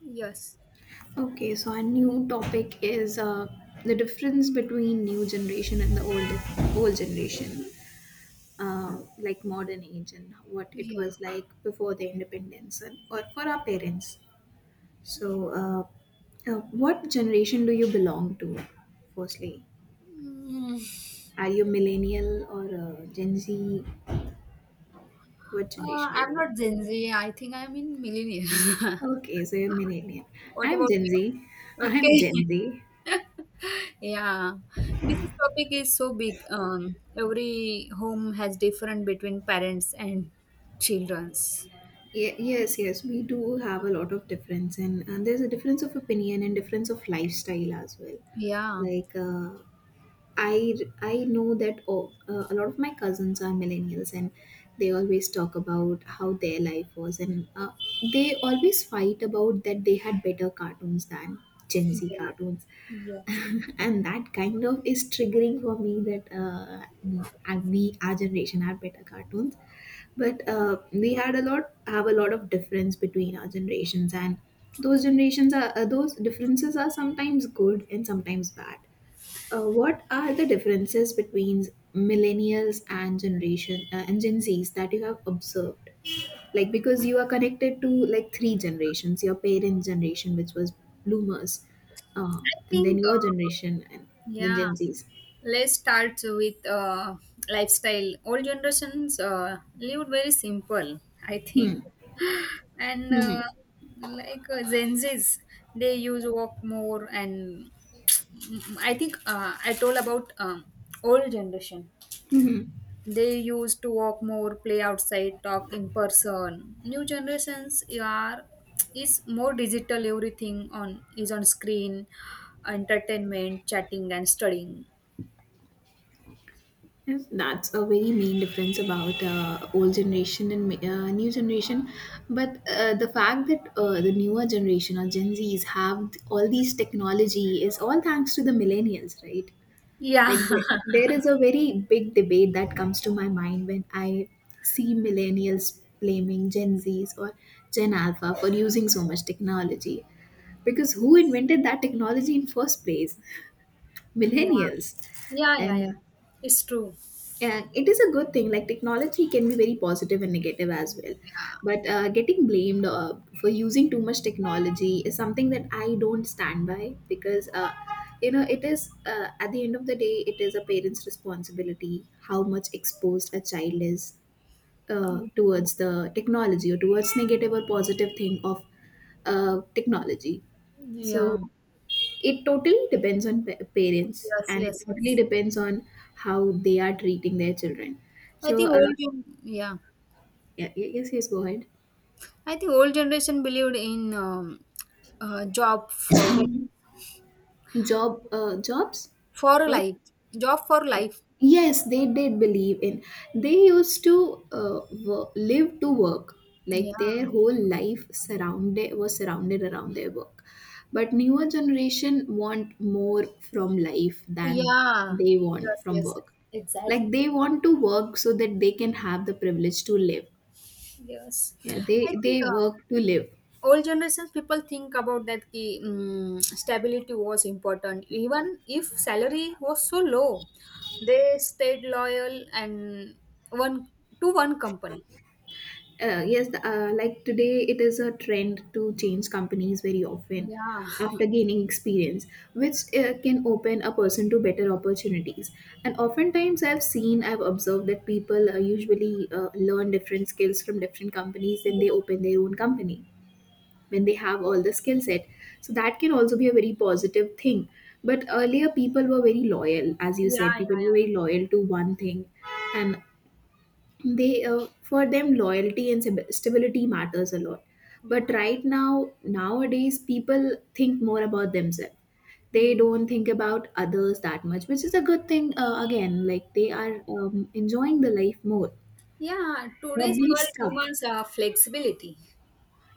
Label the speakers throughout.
Speaker 1: Yes.
Speaker 2: Okay, so our new topic is the difference between new generation and the old generation, like modern age and what it
Speaker 1: Yeah.
Speaker 2: was like before the independence and, or for our parents. So, what generation do you belong to? Firstly,
Speaker 1: Mm.
Speaker 2: are you millennial or Gen Z? What generation do you
Speaker 1: I'm
Speaker 2: belong
Speaker 1: not
Speaker 2: to?
Speaker 1: Gen Z. I think I'm in millennial.
Speaker 2: Okay, so you're millennial.
Speaker 1: What
Speaker 2: I'm
Speaker 1: about
Speaker 2: Gen Z.
Speaker 1: you?
Speaker 2: I'm Gen
Speaker 1: Okay.
Speaker 2: Z.
Speaker 1: Yeah. Topic is so big. Every home has different between parents and childrens.
Speaker 2: Yes, we do have a lot of difference, and there's a difference of opinion and difference of lifestyle as well,
Speaker 1: Yeah.
Speaker 2: like I I know that a lot of my cousins are millennials and they always talk about how their life was, and they always fight about that they had better cartoons than Gen Z
Speaker 1: Yeah.
Speaker 2: cartoons.
Speaker 1: Yes.
Speaker 2: And that kind of is triggering for me that and we our generation had better cartoons, but we had a lot have a lot of difference between our generations, and those generations are those differences are sometimes good and sometimes bad. What are the differences between millennials and Gen Zs that you have observed? Like, because you are connected to like three generations, your parents' generation, which was bloomers, uh,
Speaker 1: I
Speaker 2: and then
Speaker 1: think.
Speaker 2: your generation, and then
Speaker 1: Yeah.
Speaker 2: Gen Zs.
Speaker 1: Let's start with lifestyle. Old generations lived very simple, I
Speaker 2: Hmm.
Speaker 1: think. And
Speaker 2: Hmm, hmm,
Speaker 1: like Gen Zs, they use walk more. And I think I told about old generation.
Speaker 2: hmm, hmm.
Speaker 1: They used to walk more, play outside, talk in person. New generations are is more digital. Everything on is on screen, entertainment, chatting, and studying.
Speaker 2: Yes, that's a very main difference about old generation and new generation. But the fact that the newer generation or Gen Zs have all these technology is all thanks to the millennials, right?
Speaker 1: Yeah.
Speaker 2: Like there there is a very big debate that comes to my mind when I see millennials blaming Gen Zs or Gen Alpha for using so much technology.
Speaker 1: Yeah.
Speaker 2: Because who invented that technology in first place?
Speaker 1: Yeah.
Speaker 2: Millennials.
Speaker 1: Yeah, yeah,
Speaker 2: And
Speaker 1: yeah.
Speaker 2: uh,
Speaker 1: It's true.
Speaker 2: and it is a good thing, like technology can be very positive and negative as well,
Speaker 1: Yeah.
Speaker 2: but getting blamed for using too much technology is something that I don't stand by, because you know, it is at the end of the day it is a parent's responsibility how much exposed a child is towards the technology, or towards negative or positive thing of technology. So
Speaker 1: Yeah.
Speaker 2: it totally depends on parents,
Speaker 1: Yes,
Speaker 2: and it
Speaker 1: yes,
Speaker 2: totally
Speaker 1: yes.
Speaker 2: depends on how they are treating their children.
Speaker 1: I
Speaker 2: So,
Speaker 1: think old gen- Yeah.
Speaker 2: yeah, yeah, yes, yes, go ahead.
Speaker 1: I think old generation believed in job
Speaker 2: Job, jobs?
Speaker 1: for
Speaker 2: What?
Speaker 1: life. Job for life.
Speaker 2: Yes, they did believe in. They used to live to work.
Speaker 1: Yeah.
Speaker 2: Like their whole life surrounded was surrounded around their work. But
Speaker 1: Yeah.
Speaker 2: newer generation want more from life than
Speaker 1: Yeah.
Speaker 2: they
Speaker 1: Yes,
Speaker 2: want
Speaker 1: yes,
Speaker 2: from
Speaker 1: yes.
Speaker 2: work. Like
Speaker 1: Exactly.
Speaker 2: they want to work so that they can have the privilege to live.
Speaker 1: Yes.
Speaker 2: Yeah, they
Speaker 1: I think
Speaker 2: work to live.
Speaker 1: old generations people think about that ki stability was important even if salary was so low, they stayed loyal and one to one company.
Speaker 2: Yes, like today, it is a trend to change companies very often
Speaker 1: Yeah,
Speaker 2: after gaining experience, which can open a person to better opportunities. And oftentimes, I've observed that people usually learn different skills from different companies, then they
Speaker 1: yeah,
Speaker 2: open their own company when they have all the skill set. So that can also be a very positive thing. But earlier, people were very loyal, as you
Speaker 1: yeah,
Speaker 2: said, people
Speaker 1: yeah,
Speaker 2: were very loyal to one thing, and they for them loyalty and stability matters a lot. But
Speaker 1: yeah,
Speaker 2: right now, nowadays, people think more about themselves. They
Speaker 1: yeah.
Speaker 2: don't think about others that much, which is a good thing, again, like they are enjoying the life more,
Speaker 1: Yeah,
Speaker 2: not
Speaker 1: today's
Speaker 2: being
Speaker 1: world
Speaker 2: stuck.
Speaker 1: demands flexibility.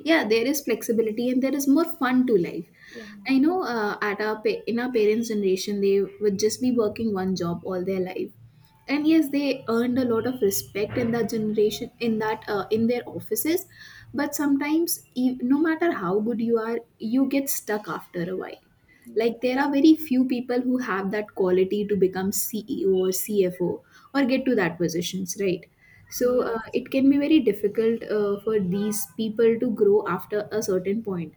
Speaker 2: Yeah, there is flexibility and there is more fun to life.
Speaker 1: Yeah.
Speaker 2: I know, at our in our parents generation they would just be working one job all their life, and yes, they earned a lot of respect in that generation, in that in their offices. But sometimes, no matter how good you are, you get stuck after a while. Like, there
Speaker 1: Yes.
Speaker 2: are very few people who have that quality to become CEO or CFO, or get to that positions, right? So,
Speaker 1: Yes.
Speaker 2: it can be very difficult for these people to grow after a certain point,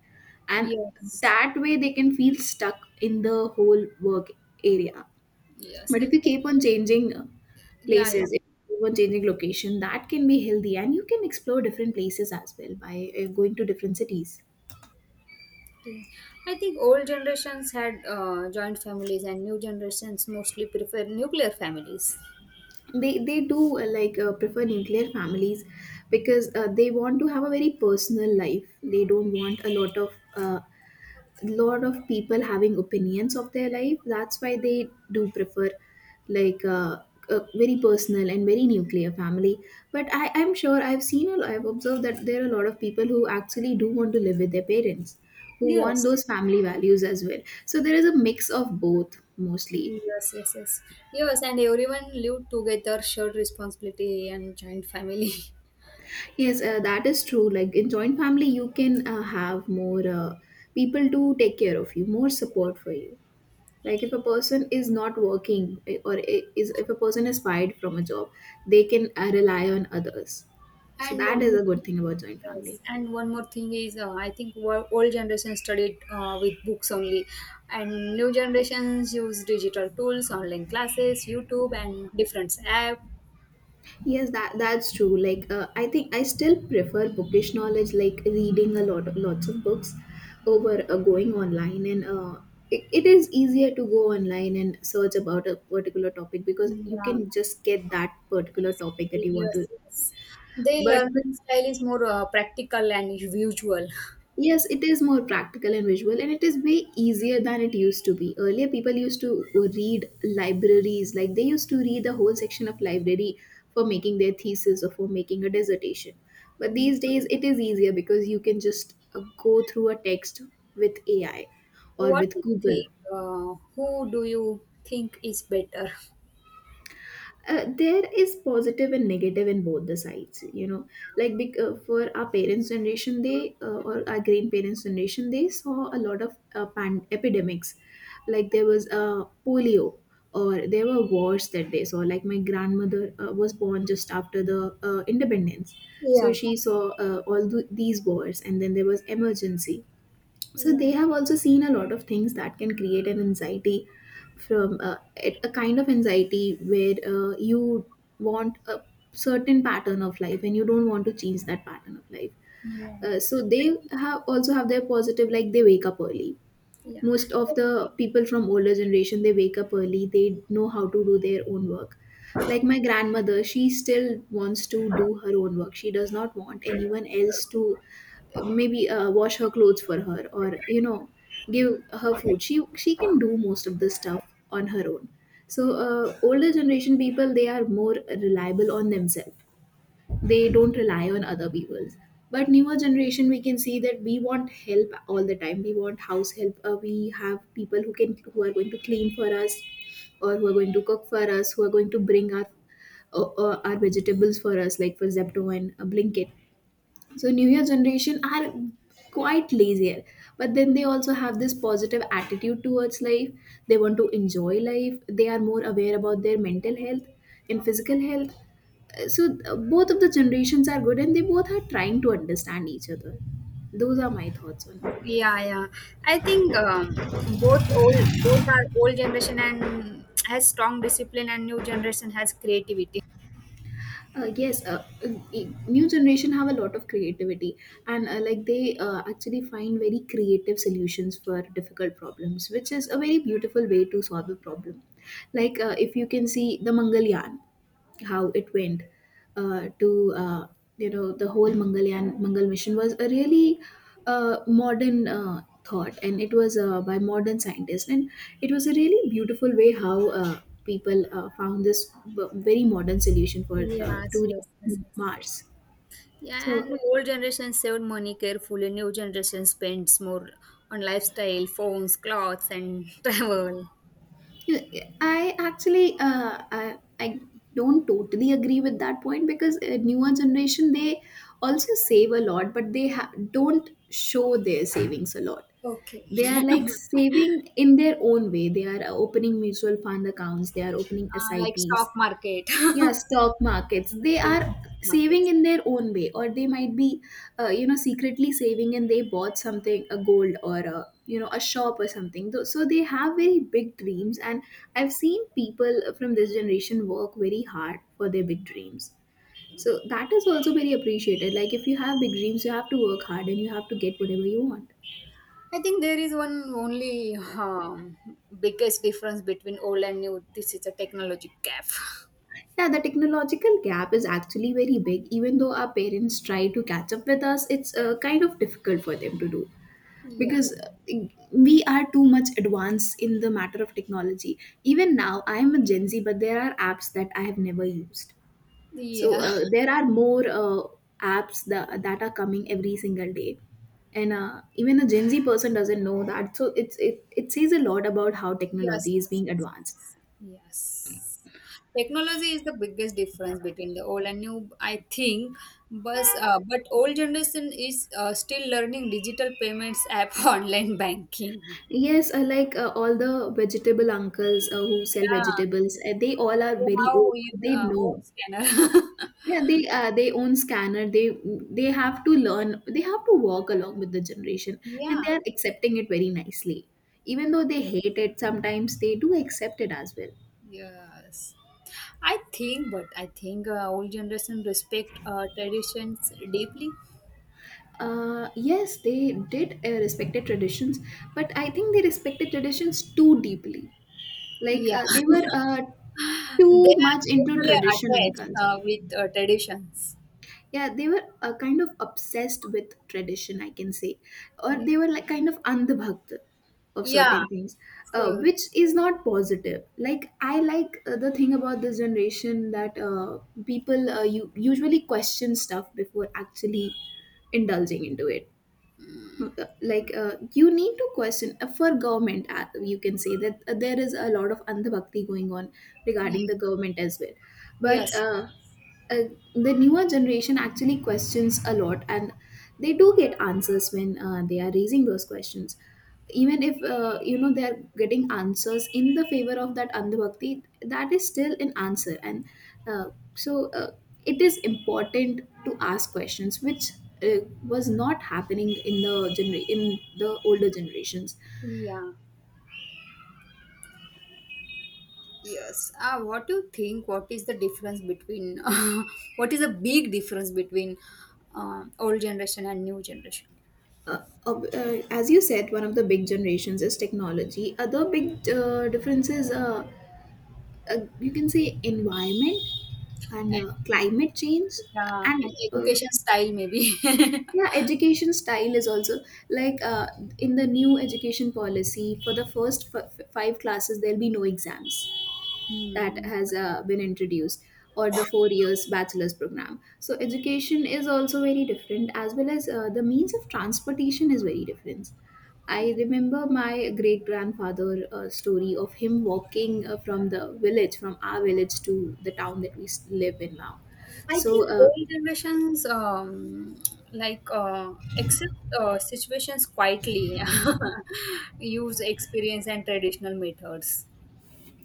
Speaker 2: and
Speaker 1: Yes.
Speaker 2: that way, they can feel stuck in the whole work area.
Speaker 1: Yes.
Speaker 2: But if you keep on changing
Speaker 1: Yeah. Yeah.
Speaker 2: places, if you keep on changing location, that can be healthy. And you can explore different places as well by going to different cities.
Speaker 1: Yeah. I think old generations had joint families, and new generations mostly prefer nuclear families.
Speaker 2: They do like prefer nuclear families, because they want to have a very personal life. They don't want a lot of people having opinions of their life, that's why they do prefer, like a very personal and very nuclear family. But I'm sure, I've observed that there are a lot of people who actually do want to live with their parents, who want
Speaker 1: Yes.
Speaker 2: those family values as well. So there is a mix of both mostly.
Speaker 1: Yes, yes, yes. Yes, and everyone lived together, shared responsibility, and joint family.
Speaker 2: Yes, that is true. Like in joint family, you can have more people to take care of you, more support for you. Like if a person is not working, is, if a person is fired from a job, they can rely on others. So
Speaker 1: And
Speaker 2: that
Speaker 1: one more
Speaker 2: is
Speaker 1: thing,
Speaker 2: a good thing about joint family.
Speaker 1: yes, and one more thing is, I think old generation studied with books only, and new generations use digital tools, online classes, YouTube, and different apps.
Speaker 2: Yes, that's true. Like, I think I still prefer bookish knowledge, like reading a lot, of lots of books, over going online. And it is easier to go online and search about a particular topic, because you
Speaker 1: Yeah.
Speaker 2: can just get that particular topic that
Speaker 1: Exactly.
Speaker 2: you want to.
Speaker 1: Yes, yes. Their
Speaker 2: But
Speaker 1: learning style is more practical and visual.
Speaker 2: yes, it is more practical and visual, and it is way easier than it used to be. Earlier, people used to read libraries, like they used to read the whole section of library for making their thesis or for making a dissertation. But
Speaker 1: Mm.
Speaker 2: these days, it is easier because you can just go through a text with AI or
Speaker 1: What do
Speaker 2: with
Speaker 1: you
Speaker 2: Google.
Speaker 1: think? Who do you think is better?
Speaker 2: There is positive and negative in both the sides, you know, like for our parents generation they or our grandparents generation they saw a lot of epidemics. Like there was polio, or there were wars that they saw. Like my grandmother was born just after the independence, so
Speaker 1: Yeah.
Speaker 2: she saw these wars, and then there was emergency. So they
Speaker 1: Yeah.
Speaker 2: have also seen a lot of things that can create an anxiety, from a kind of anxiety where you want a certain pattern of life and you don't want to change that pattern of life.
Speaker 1: Yeah. I
Speaker 2: So they
Speaker 1: think-
Speaker 2: have also have their positive, like they wake up early.
Speaker 1: Yeah,
Speaker 2: Most of the people from older generation, they wake up early, they know how to do their own work. Like my grandmother, she still wants to do her own work, she does not want anyone else to maybe wash her clothes for her, or you know, give her food. She can do most of the stuff on her own. So older generation people, they are more reliable on themselves, they don't rely on other people's. But newer generation, we can see that we want help all the time, we want house help. We have people who can, who are going to clean for us, or who are going to cook for us, who are going to bring our vegetables for us, like for zepto and blinkit. So newer generation are quite lazier, but then they also have this positive attitude towards life. They want to enjoy life, they are more aware about their mental health and physical health. So both of the generations are good, and they both are trying to understand each other. Those are my thoughts on.
Speaker 1: yeah, yeah. I think both old, both our old generation and has strong discipline, and new generation has creativity.
Speaker 2: Yes, new generation have a lot of creativity, and like they actually find very creative solutions for difficult problems, which is a very beautiful way to solve a problem. Like if you can see the mangalyaan, how it went to you know, the whole Mangalyaan Mangal mission was a really modern thought, and it was by modern scientists, and it was a really beautiful way how people found this very modern solution for
Speaker 1: Yes,
Speaker 2: to
Speaker 1: yes,
Speaker 2: reach
Speaker 1: yes, yes.
Speaker 2: Mars.
Speaker 1: Yeah, and
Speaker 2: So
Speaker 1: old generation saved money carefully. New generation spends more on lifestyle, phones, clothes, and travel.
Speaker 2: yeah, I actually I don't totally agree with that point because newer generation, they also save a lot, but they don't show their savings a lot.
Speaker 1: Okay.
Speaker 2: They are like saving in their own way. They are opening mutual fund accounts, they are opening
Speaker 1: Like stock
Speaker 2: sips.
Speaker 1: market,
Speaker 2: Yeah,
Speaker 1: investing
Speaker 2: stock markets,
Speaker 1: in
Speaker 2: they
Speaker 1: stock
Speaker 2: are saving
Speaker 1: markets.
Speaker 2: in their own way, or they might be you know, secretly saving, and they bought something, a gold or a, you know, a shop or something. So they have very big dreams, and I've seen people from this generation work very hard for their big dreams. So that is also very appreciated. Like if you have big dreams, you have to work hard and you have to get whatever you want.
Speaker 1: I think there is one only biggest difference between old and new. This is a technology gap.
Speaker 2: Yeah, the technological gap is actually very big. Even though our parents try to catch up with us, it's kind of difficult for them to do
Speaker 1: Yeah.
Speaker 2: because we are too much advanced in the matter of technology. Even now, I am a Gen Z, but there are apps that I have never used. So
Speaker 1: Yeah.
Speaker 2: uh, there are more apps that are coming every single day. And even a Gen Z person doesn't know that. So it says a lot about how
Speaker 1: Yes,
Speaker 2: technology is
Speaker 1: yes,
Speaker 2: being
Speaker 1: yes,
Speaker 2: advanced.
Speaker 1: yes. Yes. Technology is the biggest difference between the old and new, I think. But old generation is still learning digital payments app, online banking.
Speaker 2: Yes, like all the vegetable uncles who sell
Speaker 1: Yeah,
Speaker 2: vegetables, they all are
Speaker 1: they
Speaker 2: very
Speaker 1: have
Speaker 2: old.
Speaker 1: your
Speaker 2: They
Speaker 1: own
Speaker 2: know.
Speaker 1: scanner.
Speaker 2: Yeah, they own scanner. They have to learn. They have to walk along with the generation, and they
Speaker 1: Yeah,
Speaker 2: are accepting it very nicely. Even though they hate it, sometimes they do accept it as well.
Speaker 1: yes. But I think old generation respect traditions deeply.
Speaker 2: Yes, they did respected traditions, but I think they respected traditions too deeply. Like
Speaker 1: Yeah,
Speaker 2: they were too
Speaker 1: they are
Speaker 2: much into
Speaker 1: emotionally
Speaker 2: tradition and
Speaker 1: attached
Speaker 2: culture.
Speaker 1: with traditions.
Speaker 2: Yeah, they were kind of obsessed with tradition, I can say, or
Speaker 1: Yeah.
Speaker 2: they were like kind of andhabhakt of
Speaker 1: Yeah.
Speaker 2: certain things,
Speaker 1: So,
Speaker 2: which is not positive. Like I like the thing about this generation that people you usually question stuff before actually indulging into it. Like you need to question for government, you can say that there is a lot of andhabhakti going on
Speaker 1: y-
Speaker 2: regarding the government as well,
Speaker 1: yes.
Speaker 2: but. uh, the newer generation actually questions a lot, and they do get answers when they are raising those questions, even if you know, they are getting answers in the favor of that andhbhakti, that is still an answer. And uh, so it is important to ask questions which uh, was not happening in the in the older generations.
Speaker 1: Yeah. Yes. What do you think? What is the difference between, what is the big difference between old generation and new generation?
Speaker 2: uh, as you said, one of the big generations is technology. Other big differences, you can say environment and
Speaker 1: And,
Speaker 2: climate change,
Speaker 1: yeah,
Speaker 2: and
Speaker 1: and
Speaker 2: uh,
Speaker 1: education style maybe.
Speaker 2: yeah, education style is also like in the new education policy, for the first five classes there'll be no exams. That
Speaker 1: Hmm.
Speaker 2: has been introduced. Or the 4 years bachelor's program. So education is also very different, as well as the means of transportation is very different. I remember my great grandfather story of him walking from the village, from our village to the town that we live in now.
Speaker 1: I
Speaker 2: So
Speaker 1: think old generations like accept situations quietly, use experience and traditional methods.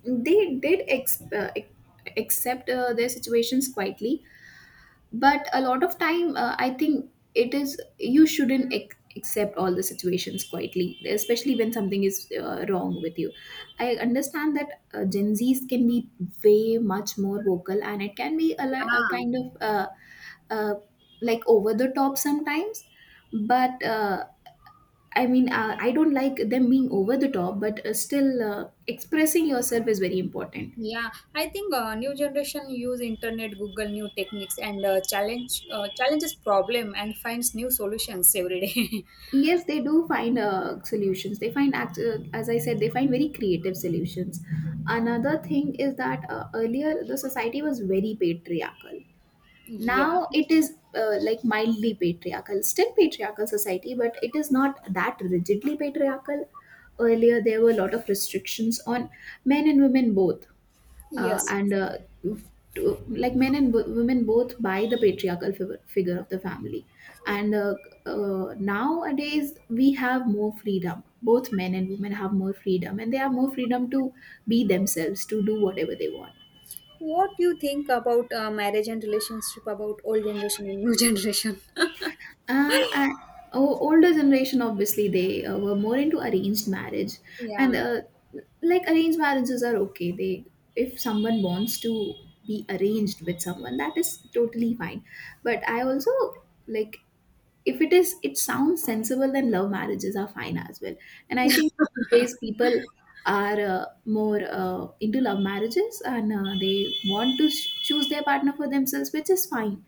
Speaker 2: they did accept their situations quietly, but a lot of time, I think it is, you shouldn't accept all the situations quietly, especially when something is wrong with you. I understand that Gen Z's can be way much more vocal, and it can be a
Speaker 1: Yeah.
Speaker 2: kind of uh, like over the top sometimes, but I mean, I don't like them being over the top, but still, expressing yourself is very important.
Speaker 1: Yeah, I think new generation use internet, Google new techniques and challenges problem and finds new solutions every day.
Speaker 2: Yes, they do find solutions. They find as I said, they find very creative solutions. Another thing is that earlier the society was very patriarchal.
Speaker 1: Yeah.
Speaker 2: Now it is like mildly patriarchal, still patriarchal society, but it is not that rigidly patriarchal. Earlier there were a lot of restrictions on men and women both.
Speaker 1: Yeah.
Speaker 2: uh,
Speaker 1: Yes.
Speaker 2: and uh, like men and women both buy the patriarchal figure of the family. And Nowadays we have more freedom. Both men and women have more freedom, and they have more freedom to be themselves, to do whatever they want.
Speaker 1: What do you think about marriage and relationship about old generation and new generation?
Speaker 2: Uh, I, Older generation, obviously, they were more into arranged marriage. And
Speaker 1: Yeah.
Speaker 2: like, arranged marriages are okay. they if someone wants to be arranged with someone, that is totally fine. But I also, like, if it is, it sounds sensible, then love marriages are fine as well. And I think these people are more into love marriages, and they want to choose their partner for themselves, which is fine.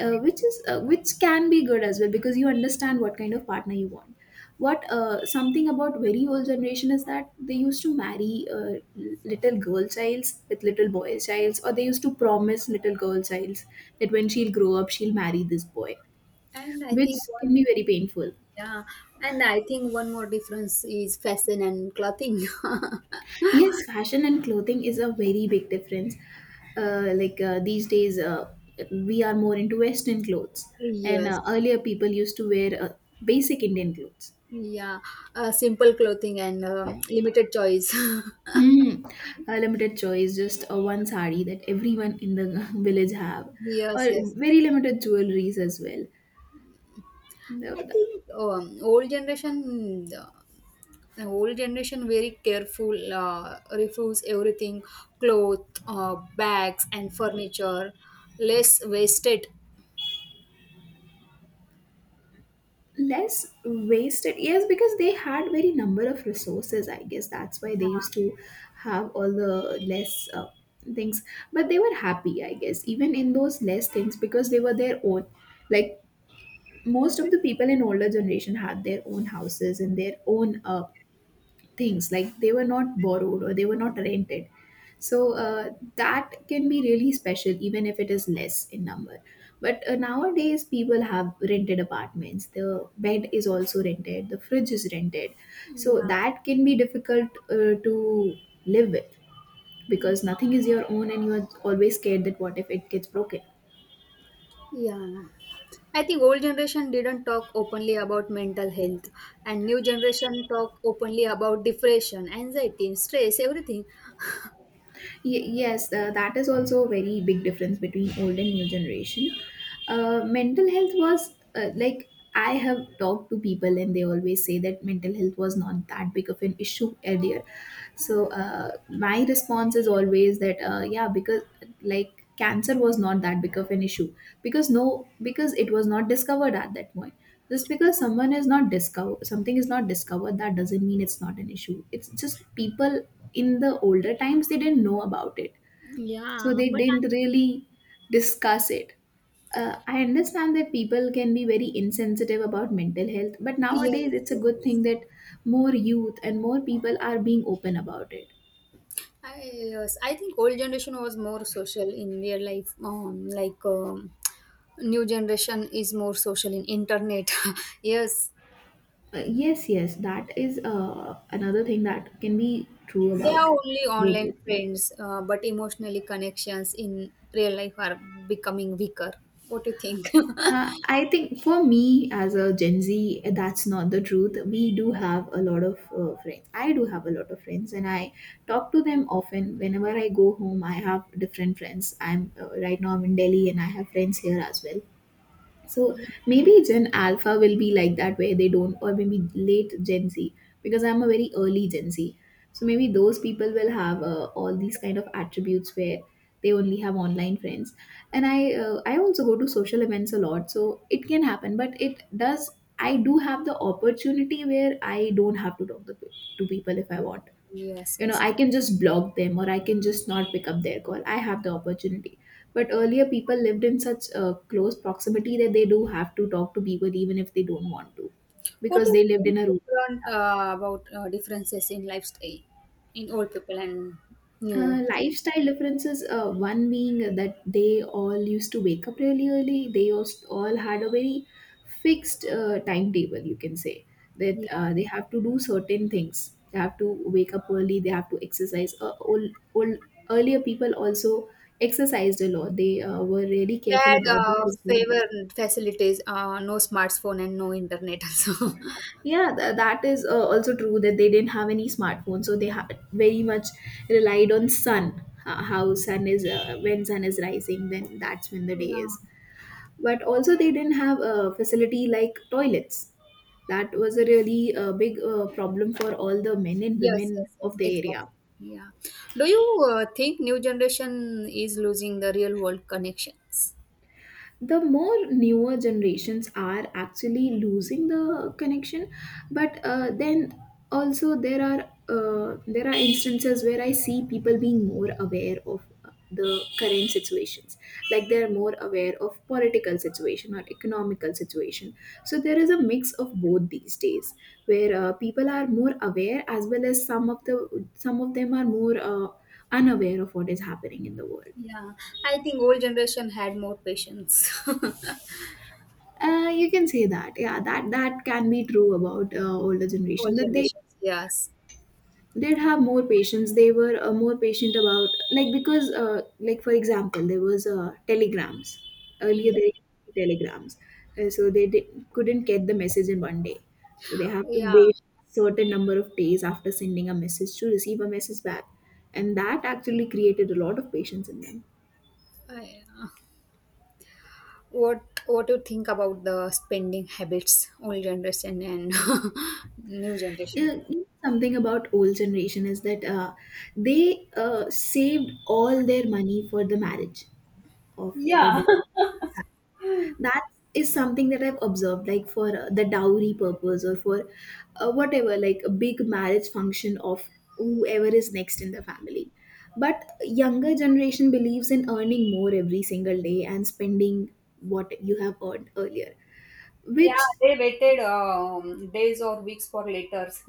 Speaker 2: Which is which can be good as well, because you understand what kind of partner you want. What Something about very old generation is that they used to marry little girl childs with little boy childs, or they used to promise little girl childs that when she'll grow up, she'll marry this boy,
Speaker 1: And I
Speaker 2: which
Speaker 1: think
Speaker 2: can
Speaker 1: one
Speaker 2: be very painful.
Speaker 1: Yeah, and I think one more difference is fashion and clothing.
Speaker 2: Yes, fashion and clothing is a very big difference. These days, we are more into western clothes. And
Speaker 1: Yes.
Speaker 2: earlier people used to wear basic indian clothes.
Speaker 1: Yeah. Simple clothing and limited choice.
Speaker 2: Hmm. A limited choice, just a one sari that everyone in the village have, or
Speaker 1: Yes, yes.
Speaker 2: very limited jewelries as well. The,
Speaker 1: I
Speaker 2: the
Speaker 1: think old generation very careful, refuse everything, cloth, bags and furniture, less wasted.
Speaker 2: less wasted, yes, because they had very number of resources. I guess that's why they
Speaker 1: Yeah,
Speaker 2: used to have all the less things. But they were happy, I guess, even in those less things, because they were their own. Like most of the people in older generation had their own houses and their own things. Like they were not borrowed, or they were not rented. So that can be really special, even if it is less in number. But nowadays people have rented apartments, the bed is also rented, the fridge is rented. So
Speaker 1: yeah,
Speaker 2: that can be difficult to live with, because nothing is your own and you are always scared that what if it gets broken.
Speaker 1: yeah. I think old generation didn't talk openly about mental health, and new generation talk openly about depression, anxiety, stress, everything.
Speaker 2: Yes, that is also a very big difference between old and new generation. Mental health was like, I have talked to people and they always say that mental health was not that big of an issue earlier. So my response is always that yeah, because like cancer was not that big of an issue, because no, because it was not discovered at that point. Just because someone is not discover, something is not discovered, that doesn't mean it's not an issue. It's just people in the older times, they didn't know about it,
Speaker 1: Yeah,
Speaker 2: so
Speaker 1: yeah.
Speaker 2: they didn't really discuss it. I understand that people can be very insensitive about mental health, but nowadays
Speaker 1: Yes,
Speaker 2: it's a good
Speaker 1: yes.
Speaker 2: thing that more youth and more people are being open about it.
Speaker 1: Yes, I think old generation was more social in real life. New generation is more social in internet. Yes,
Speaker 2: Yes, yes, that is another thing that can be true
Speaker 1: they
Speaker 2: about
Speaker 1: are only
Speaker 2: both.
Speaker 1: online friends, but emotionally connections in real life are becoming weaker. What do you think?
Speaker 2: I think for me, as a Gen Z, that's not the truth. We do have a lot of friends. I do have a lot of friends, and I talk to them often. Whenever I go home, I have different friends. I'm Right now I'm in Delhi, and I have friends here as well. So
Speaker 1: Mm,
Speaker 2: maybe Gen Alpha will be like that, where they don't, or maybe late Gen Z, because I'm a very early Gen Z. So maybe those people will have all these kind of attributes where they only have online friends. And I also go to social events a lot, so it can happen. But it does. I do have the opportunity where I don't have to talk to people if I want.
Speaker 1: yes,
Speaker 2: You know,
Speaker 1: yes.
Speaker 2: I can just block them, or I can just not pick up their call. I have the opportunity, but earlier people lived in such close proximity that they do have to talk to people even if they don't want to,
Speaker 1: What
Speaker 2: because
Speaker 1: do you
Speaker 2: they lived
Speaker 1: think
Speaker 2: in a room.
Speaker 1: different about differences in lifestyle in old people and new? People?
Speaker 2: Lifestyle differences, one being that they all used to wake up really early. They used, all had a very fixed timetable, you can say, that they have to do certain things. They have to wake up early, they have to exercise. Earlier people also exercised a lot. They were really
Speaker 1: They
Speaker 2: careful
Speaker 1: had
Speaker 2: about their physical
Speaker 1: favor
Speaker 2: health.
Speaker 1: facilities, no smartphone and no internet. Also,
Speaker 2: Yeah, that is also true, that they didn't have any smartphone, so they very much relied on sun. How sun is, when sun is rising, then that's when the day is.
Speaker 1: yeah,
Speaker 2: But also they didn't have a facility like toilets. That was a really big problem for all the men and
Speaker 1: yes,
Speaker 2: women
Speaker 1: yes, yes,
Speaker 2: of the area.
Speaker 1: exactly. Yeah. Do you think new generation is losing the real world connections?
Speaker 2: The more newer generations are actually losing the connection. But then also there are instances where I see people being more aware of the current situations, like they're more aware of political situation or economical situation. So there is a mix of both these days, where people are more aware, as well as some of the some of them are more unaware of what is happening in the world.
Speaker 1: Yeah, I think old generation had more patience. Old
Speaker 2: You can say that. Yeah, that can be true about older generation, that they
Speaker 1: generations, yes.
Speaker 2: did have more patience. They were more patient about like because like for example, there was telegrams
Speaker 1: Yeah.
Speaker 2: earlier. There were telegrams, uh, so they did, couldn't get the message in one day. So they have to
Speaker 1: Yeah.
Speaker 2: wait certain number of days after sending a message to receive a message back, and that actually created a lot of patience in them.
Speaker 1: I- uh, What What do you think about the spending habits, old generation and new generation?
Speaker 2: Yeah, something about old generation is that they saved all their money for the marriage of their
Speaker 1: Yeah,
Speaker 2: daughter. That is something that I've observed, like for the dowry purpose or for whatever, like a big marriage function of whoever is next in the family. But younger generation believes in earning more every single day and spending what you have earned earlier, which—
Speaker 1: yeah, they waited days or weeks for letters.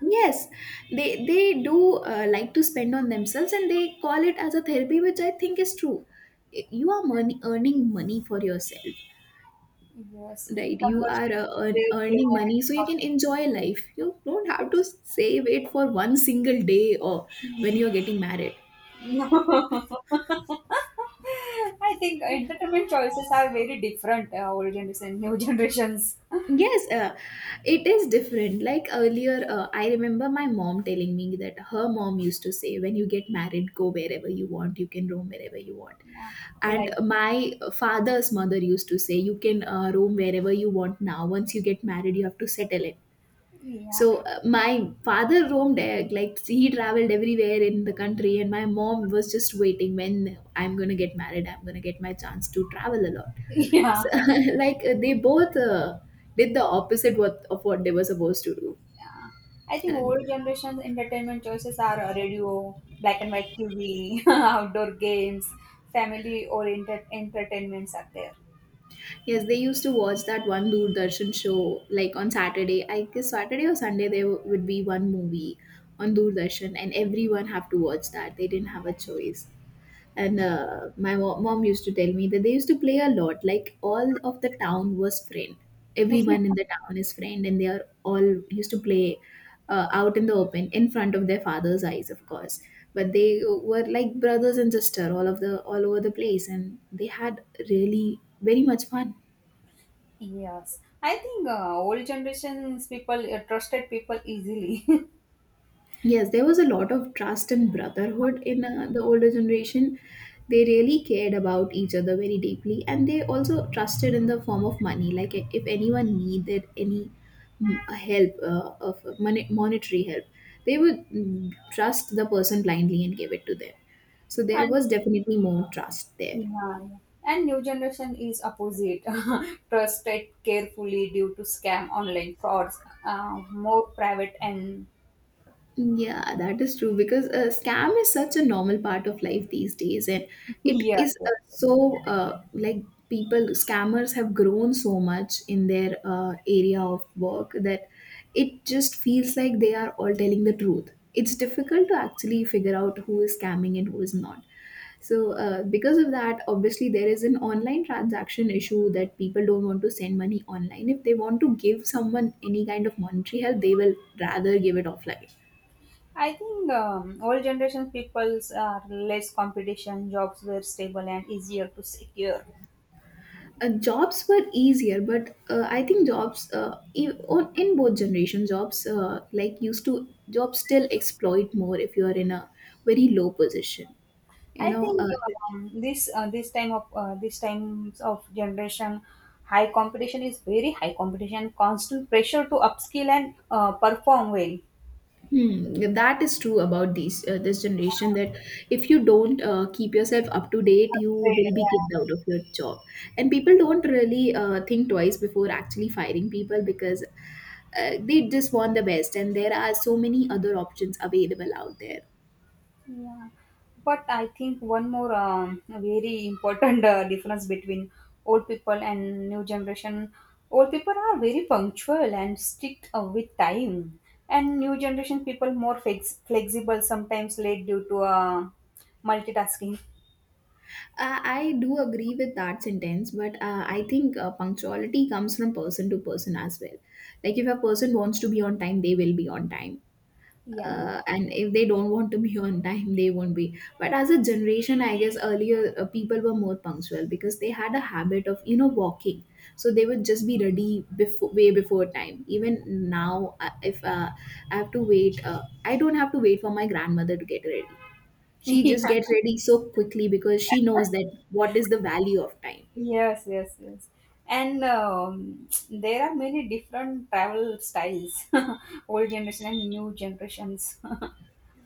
Speaker 2: yes, they do like to spend on themselves, and they call it as a therapy, which I think is true. You are money earning money for yourself,
Speaker 1: Yes,
Speaker 2: right? You are
Speaker 1: conversations, they say.
Speaker 2: earning money so you can enjoy life. You don't have to save it for one single day or when you're getting married.
Speaker 1: No, I think entertainment choices are very different. Old generation, new generations.
Speaker 2: Yes, it is different. Like earlier, I remember my mom telling me that her mom used to say, when you get married, go wherever you want, you can roam wherever you want.
Speaker 1: Yeah,
Speaker 2: And
Speaker 1: like
Speaker 2: my father's mother used to say, you can roam wherever you want now. Once you get married, you have to settle it.
Speaker 1: yeah,
Speaker 2: So my father roamed, like he traveled everywhere in the country, and my mom was just waiting when I'm gonna get married, I'm gonna get my chance to travel a lot so,
Speaker 1: yeah,
Speaker 2: like they both did the opposite what of what they were supposed to do.
Speaker 1: yeah. I think
Speaker 2: And
Speaker 1: old generation's entertainment choices are radio, black and white TV, outdoor games, family-oriented entertainments are there.
Speaker 2: yes, they used to watch that one Doordarshan show like on Saturday. I guess Saturday or Sunday there would be one movie on Doordarshan, and everyone have to watch that. They didn't have a choice. And mom used to tell me that they used to play a lot, like all of the town was friend, everyone in the town is friend, and they are all used to play out in the open in front of their father's eyes, of course, but they were like brothers and sister all of the all over the place, and they had really very much fun.
Speaker 1: Yes, I think old generations people trusted people easily.
Speaker 2: Yes, there was a lot of trust and brotherhood in the older generation. They really cared about each other very deeply, and they also trusted in the form of money. Like, if anyone needed any help of money, monetary help, they would trust the person blindly and give it to them. So there
Speaker 1: And
Speaker 2: was definitely more trust there.
Speaker 1: yeah, yeah. And new generation is opposite, trusted carefully due to scam, online frauds, more private and
Speaker 2: Yeah, that is true, because a scam is such a normal part of life these days, and it
Speaker 1: yeah.
Speaker 2: is
Speaker 1: Yeah.
Speaker 2: like people— scammers have grown so much in their area of work that it just feels like they are all telling the truth. It's difficult to actually figure out who is scamming and who is not. So, because of that, obviously, there is an online transaction issue that people don't want to send money online. If they want to give someone any kind of monetary help, they will rather give it offline.
Speaker 1: I think old generation peoples are less competition, jobs were stable and easier to secure.
Speaker 2: Jobs were easier, but I think jobs in both generation jobs like used to— jobs still exploit more if you are in a very low position you
Speaker 1: I
Speaker 2: know
Speaker 1: think
Speaker 2: uh,
Speaker 1: this times of generation, high competition is very high competition, constant pressure to upskill and perform well.
Speaker 2: Hmm, that is true about these this generation, that if you don't keep yourself up to date, you will be kicked
Speaker 1: Yeah.
Speaker 2: out of your job, and people don't really think twice before actually firing people, because they just want the best and there are so many other options available out there.
Speaker 1: Yeah. But I think one more very important difference between old people and new generation. Old people are very punctual and strict with time, and new generation people more flexible, sometimes late due to multitasking.
Speaker 2: I do agree with that sentence, but I think punctuality comes from person to person as well. Like if a person wants to be on time, they will be on time. And if they don't want to be on time, they won't be. But as a generation, I guess earlier people were more punctual because they had a habit of, you know, walking. So they would just be ready before, way before time. Even now, if I have to wait, I don't have to wait for my grandmother to get ready. She
Speaker 1: Yeah.
Speaker 2: just gets ready so quickly because she knows that what is the value of time.
Speaker 1: Yes, yes, yes. And there are many different travel styles, old generation and new generations.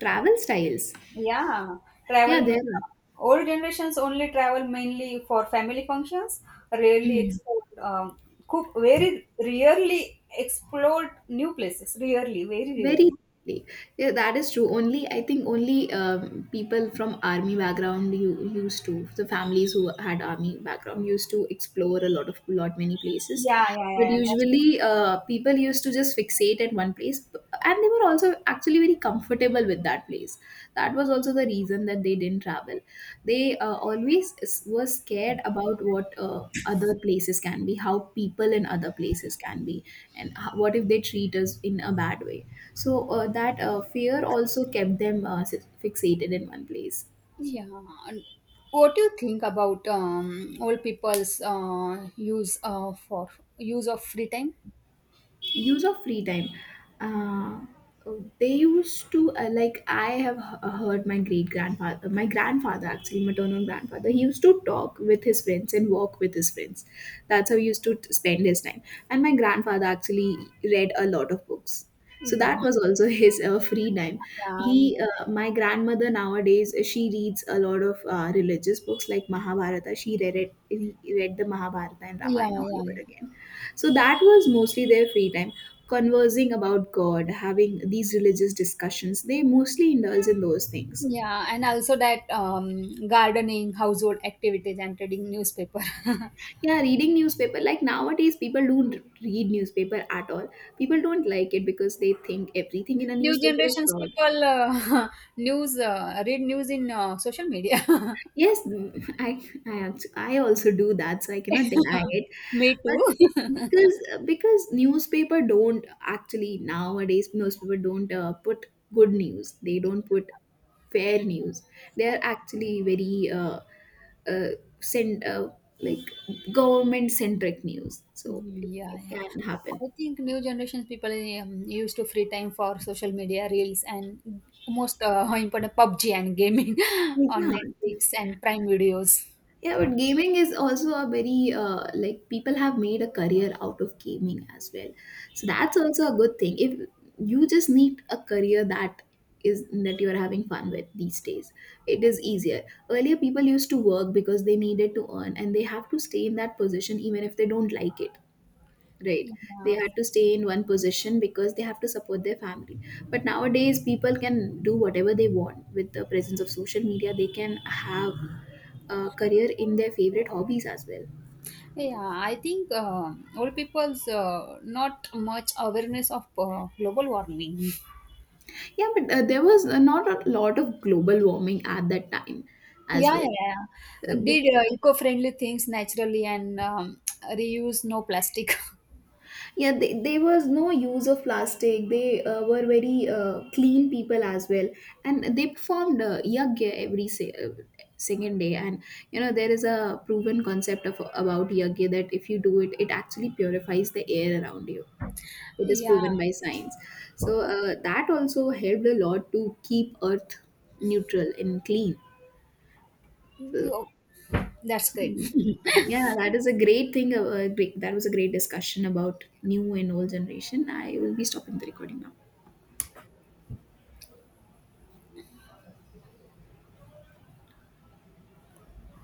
Speaker 2: Travel styles—
Speaker 1: Yeah,
Speaker 2: yeah,
Speaker 1: travel. ma-
Speaker 2: there are—
Speaker 1: Old generations only travel mainly for family functions. Rarely
Speaker 2: Mm.
Speaker 1: explore, cook very rarely explored new places. Rarely, very
Speaker 2: Very
Speaker 1: rarely.
Speaker 2: differently. Yeah, that is true. Only, I think only people from army background— you used to— the families who had army background used to explore a lot of lot many places,
Speaker 1: Yeah, yeah, yeah.
Speaker 2: but
Speaker 1: Yeah, that's
Speaker 2: usually people used to just fixate at one place, and they were also actually very comfortable with that place. That was also the reason that they didn't travel. They always were scared about what other places can be, how people in other places can be, and how, what if they treat us in a bad way. So that fear also kept them fixated in one place.
Speaker 1: yeah. And what do you think about old people's use for use of free time?
Speaker 2: Use of free time— uh, they used to like, I have heard my great grandfather— my grandfather, actually maternal grandfather— he used to talk with his friends and walk with his friends. That's how he used to spend his time. And my grandfather actually read a lot of books, so
Speaker 1: Yeah,
Speaker 2: that was also his free time.
Speaker 1: um,
Speaker 2: He— my grandmother nowadays, she reads a lot of religious books, like Mahabharata. She read it, read the Mahabharata and
Speaker 1: yeah,
Speaker 2: Ramayana all
Speaker 1: yeah,
Speaker 2: over
Speaker 1: yeah,
Speaker 2: again. So that was mostly their free time, conversing about God, having these religious discussions. They mostly indulge in those things.
Speaker 1: yeah, and also that gardening, household activities, and reading newspaper.
Speaker 2: Yeah, reading newspaper. Like nowadays, people don't read newspaper at all. People don't like it because they think everything in a
Speaker 1: New
Speaker 2: newspaper is
Speaker 1: generations
Speaker 2: fraud.
Speaker 1: people news read news in social media.
Speaker 2: Yes, mm, I I I also do that, so I cannot deny it.
Speaker 1: Me
Speaker 2: But
Speaker 1: too.
Speaker 2: because— because newspaper don't actually nowadays newspaper don't put good news. They don't put fair news. They are
Speaker 1: I,
Speaker 2: actually very uh, send like government centric news. So
Speaker 1: yeah,
Speaker 2: it
Speaker 1: yeah.
Speaker 2: can happen.
Speaker 1: I think new generations people used to free time for social media reels and most important PUBG and gaming on
Speaker 2: Yeah.
Speaker 1: Netflix and Prime videos.
Speaker 2: Yeah, but gaming is also a very like— people have made a career out of gaming as well. So that's also a good thing. If you just need a career that is that you are having fun with these days, it is easier. Earlier, people used to work because they needed to earn and they have to stay in that position even if they don't like it. Right.
Speaker 1: Yeah.
Speaker 2: They had to stay in one position because they have to support their family. But nowadays, people can do whatever they want with the presence of social media. They can have a career in their favorite hobbies as well.
Speaker 1: Yeah, I think old people's not much awareness of global warming.
Speaker 2: Yeah, but there was not a lot of global warming at that time as
Speaker 1: Yeah,
Speaker 2: well.
Speaker 1: yeah, yeah.
Speaker 2: Uh, bec-
Speaker 1: Did eco-friendly things naturally and reuse no plastic.
Speaker 2: yeah, there was no use of plastic. They were very clean people as well, and they performed yagya every second day. And you know, there is a proven concept of about yagya that if you do it, it actually purifies the air around you. It is
Speaker 1: Yeah,
Speaker 2: proven by science. So that also helped a lot to keep earth neutral and clean.
Speaker 1: You-
Speaker 2: So
Speaker 1: that's great.
Speaker 2: yeah, that is a great thing. That was a great discussion about new and old generation. I will be stopping the recording now.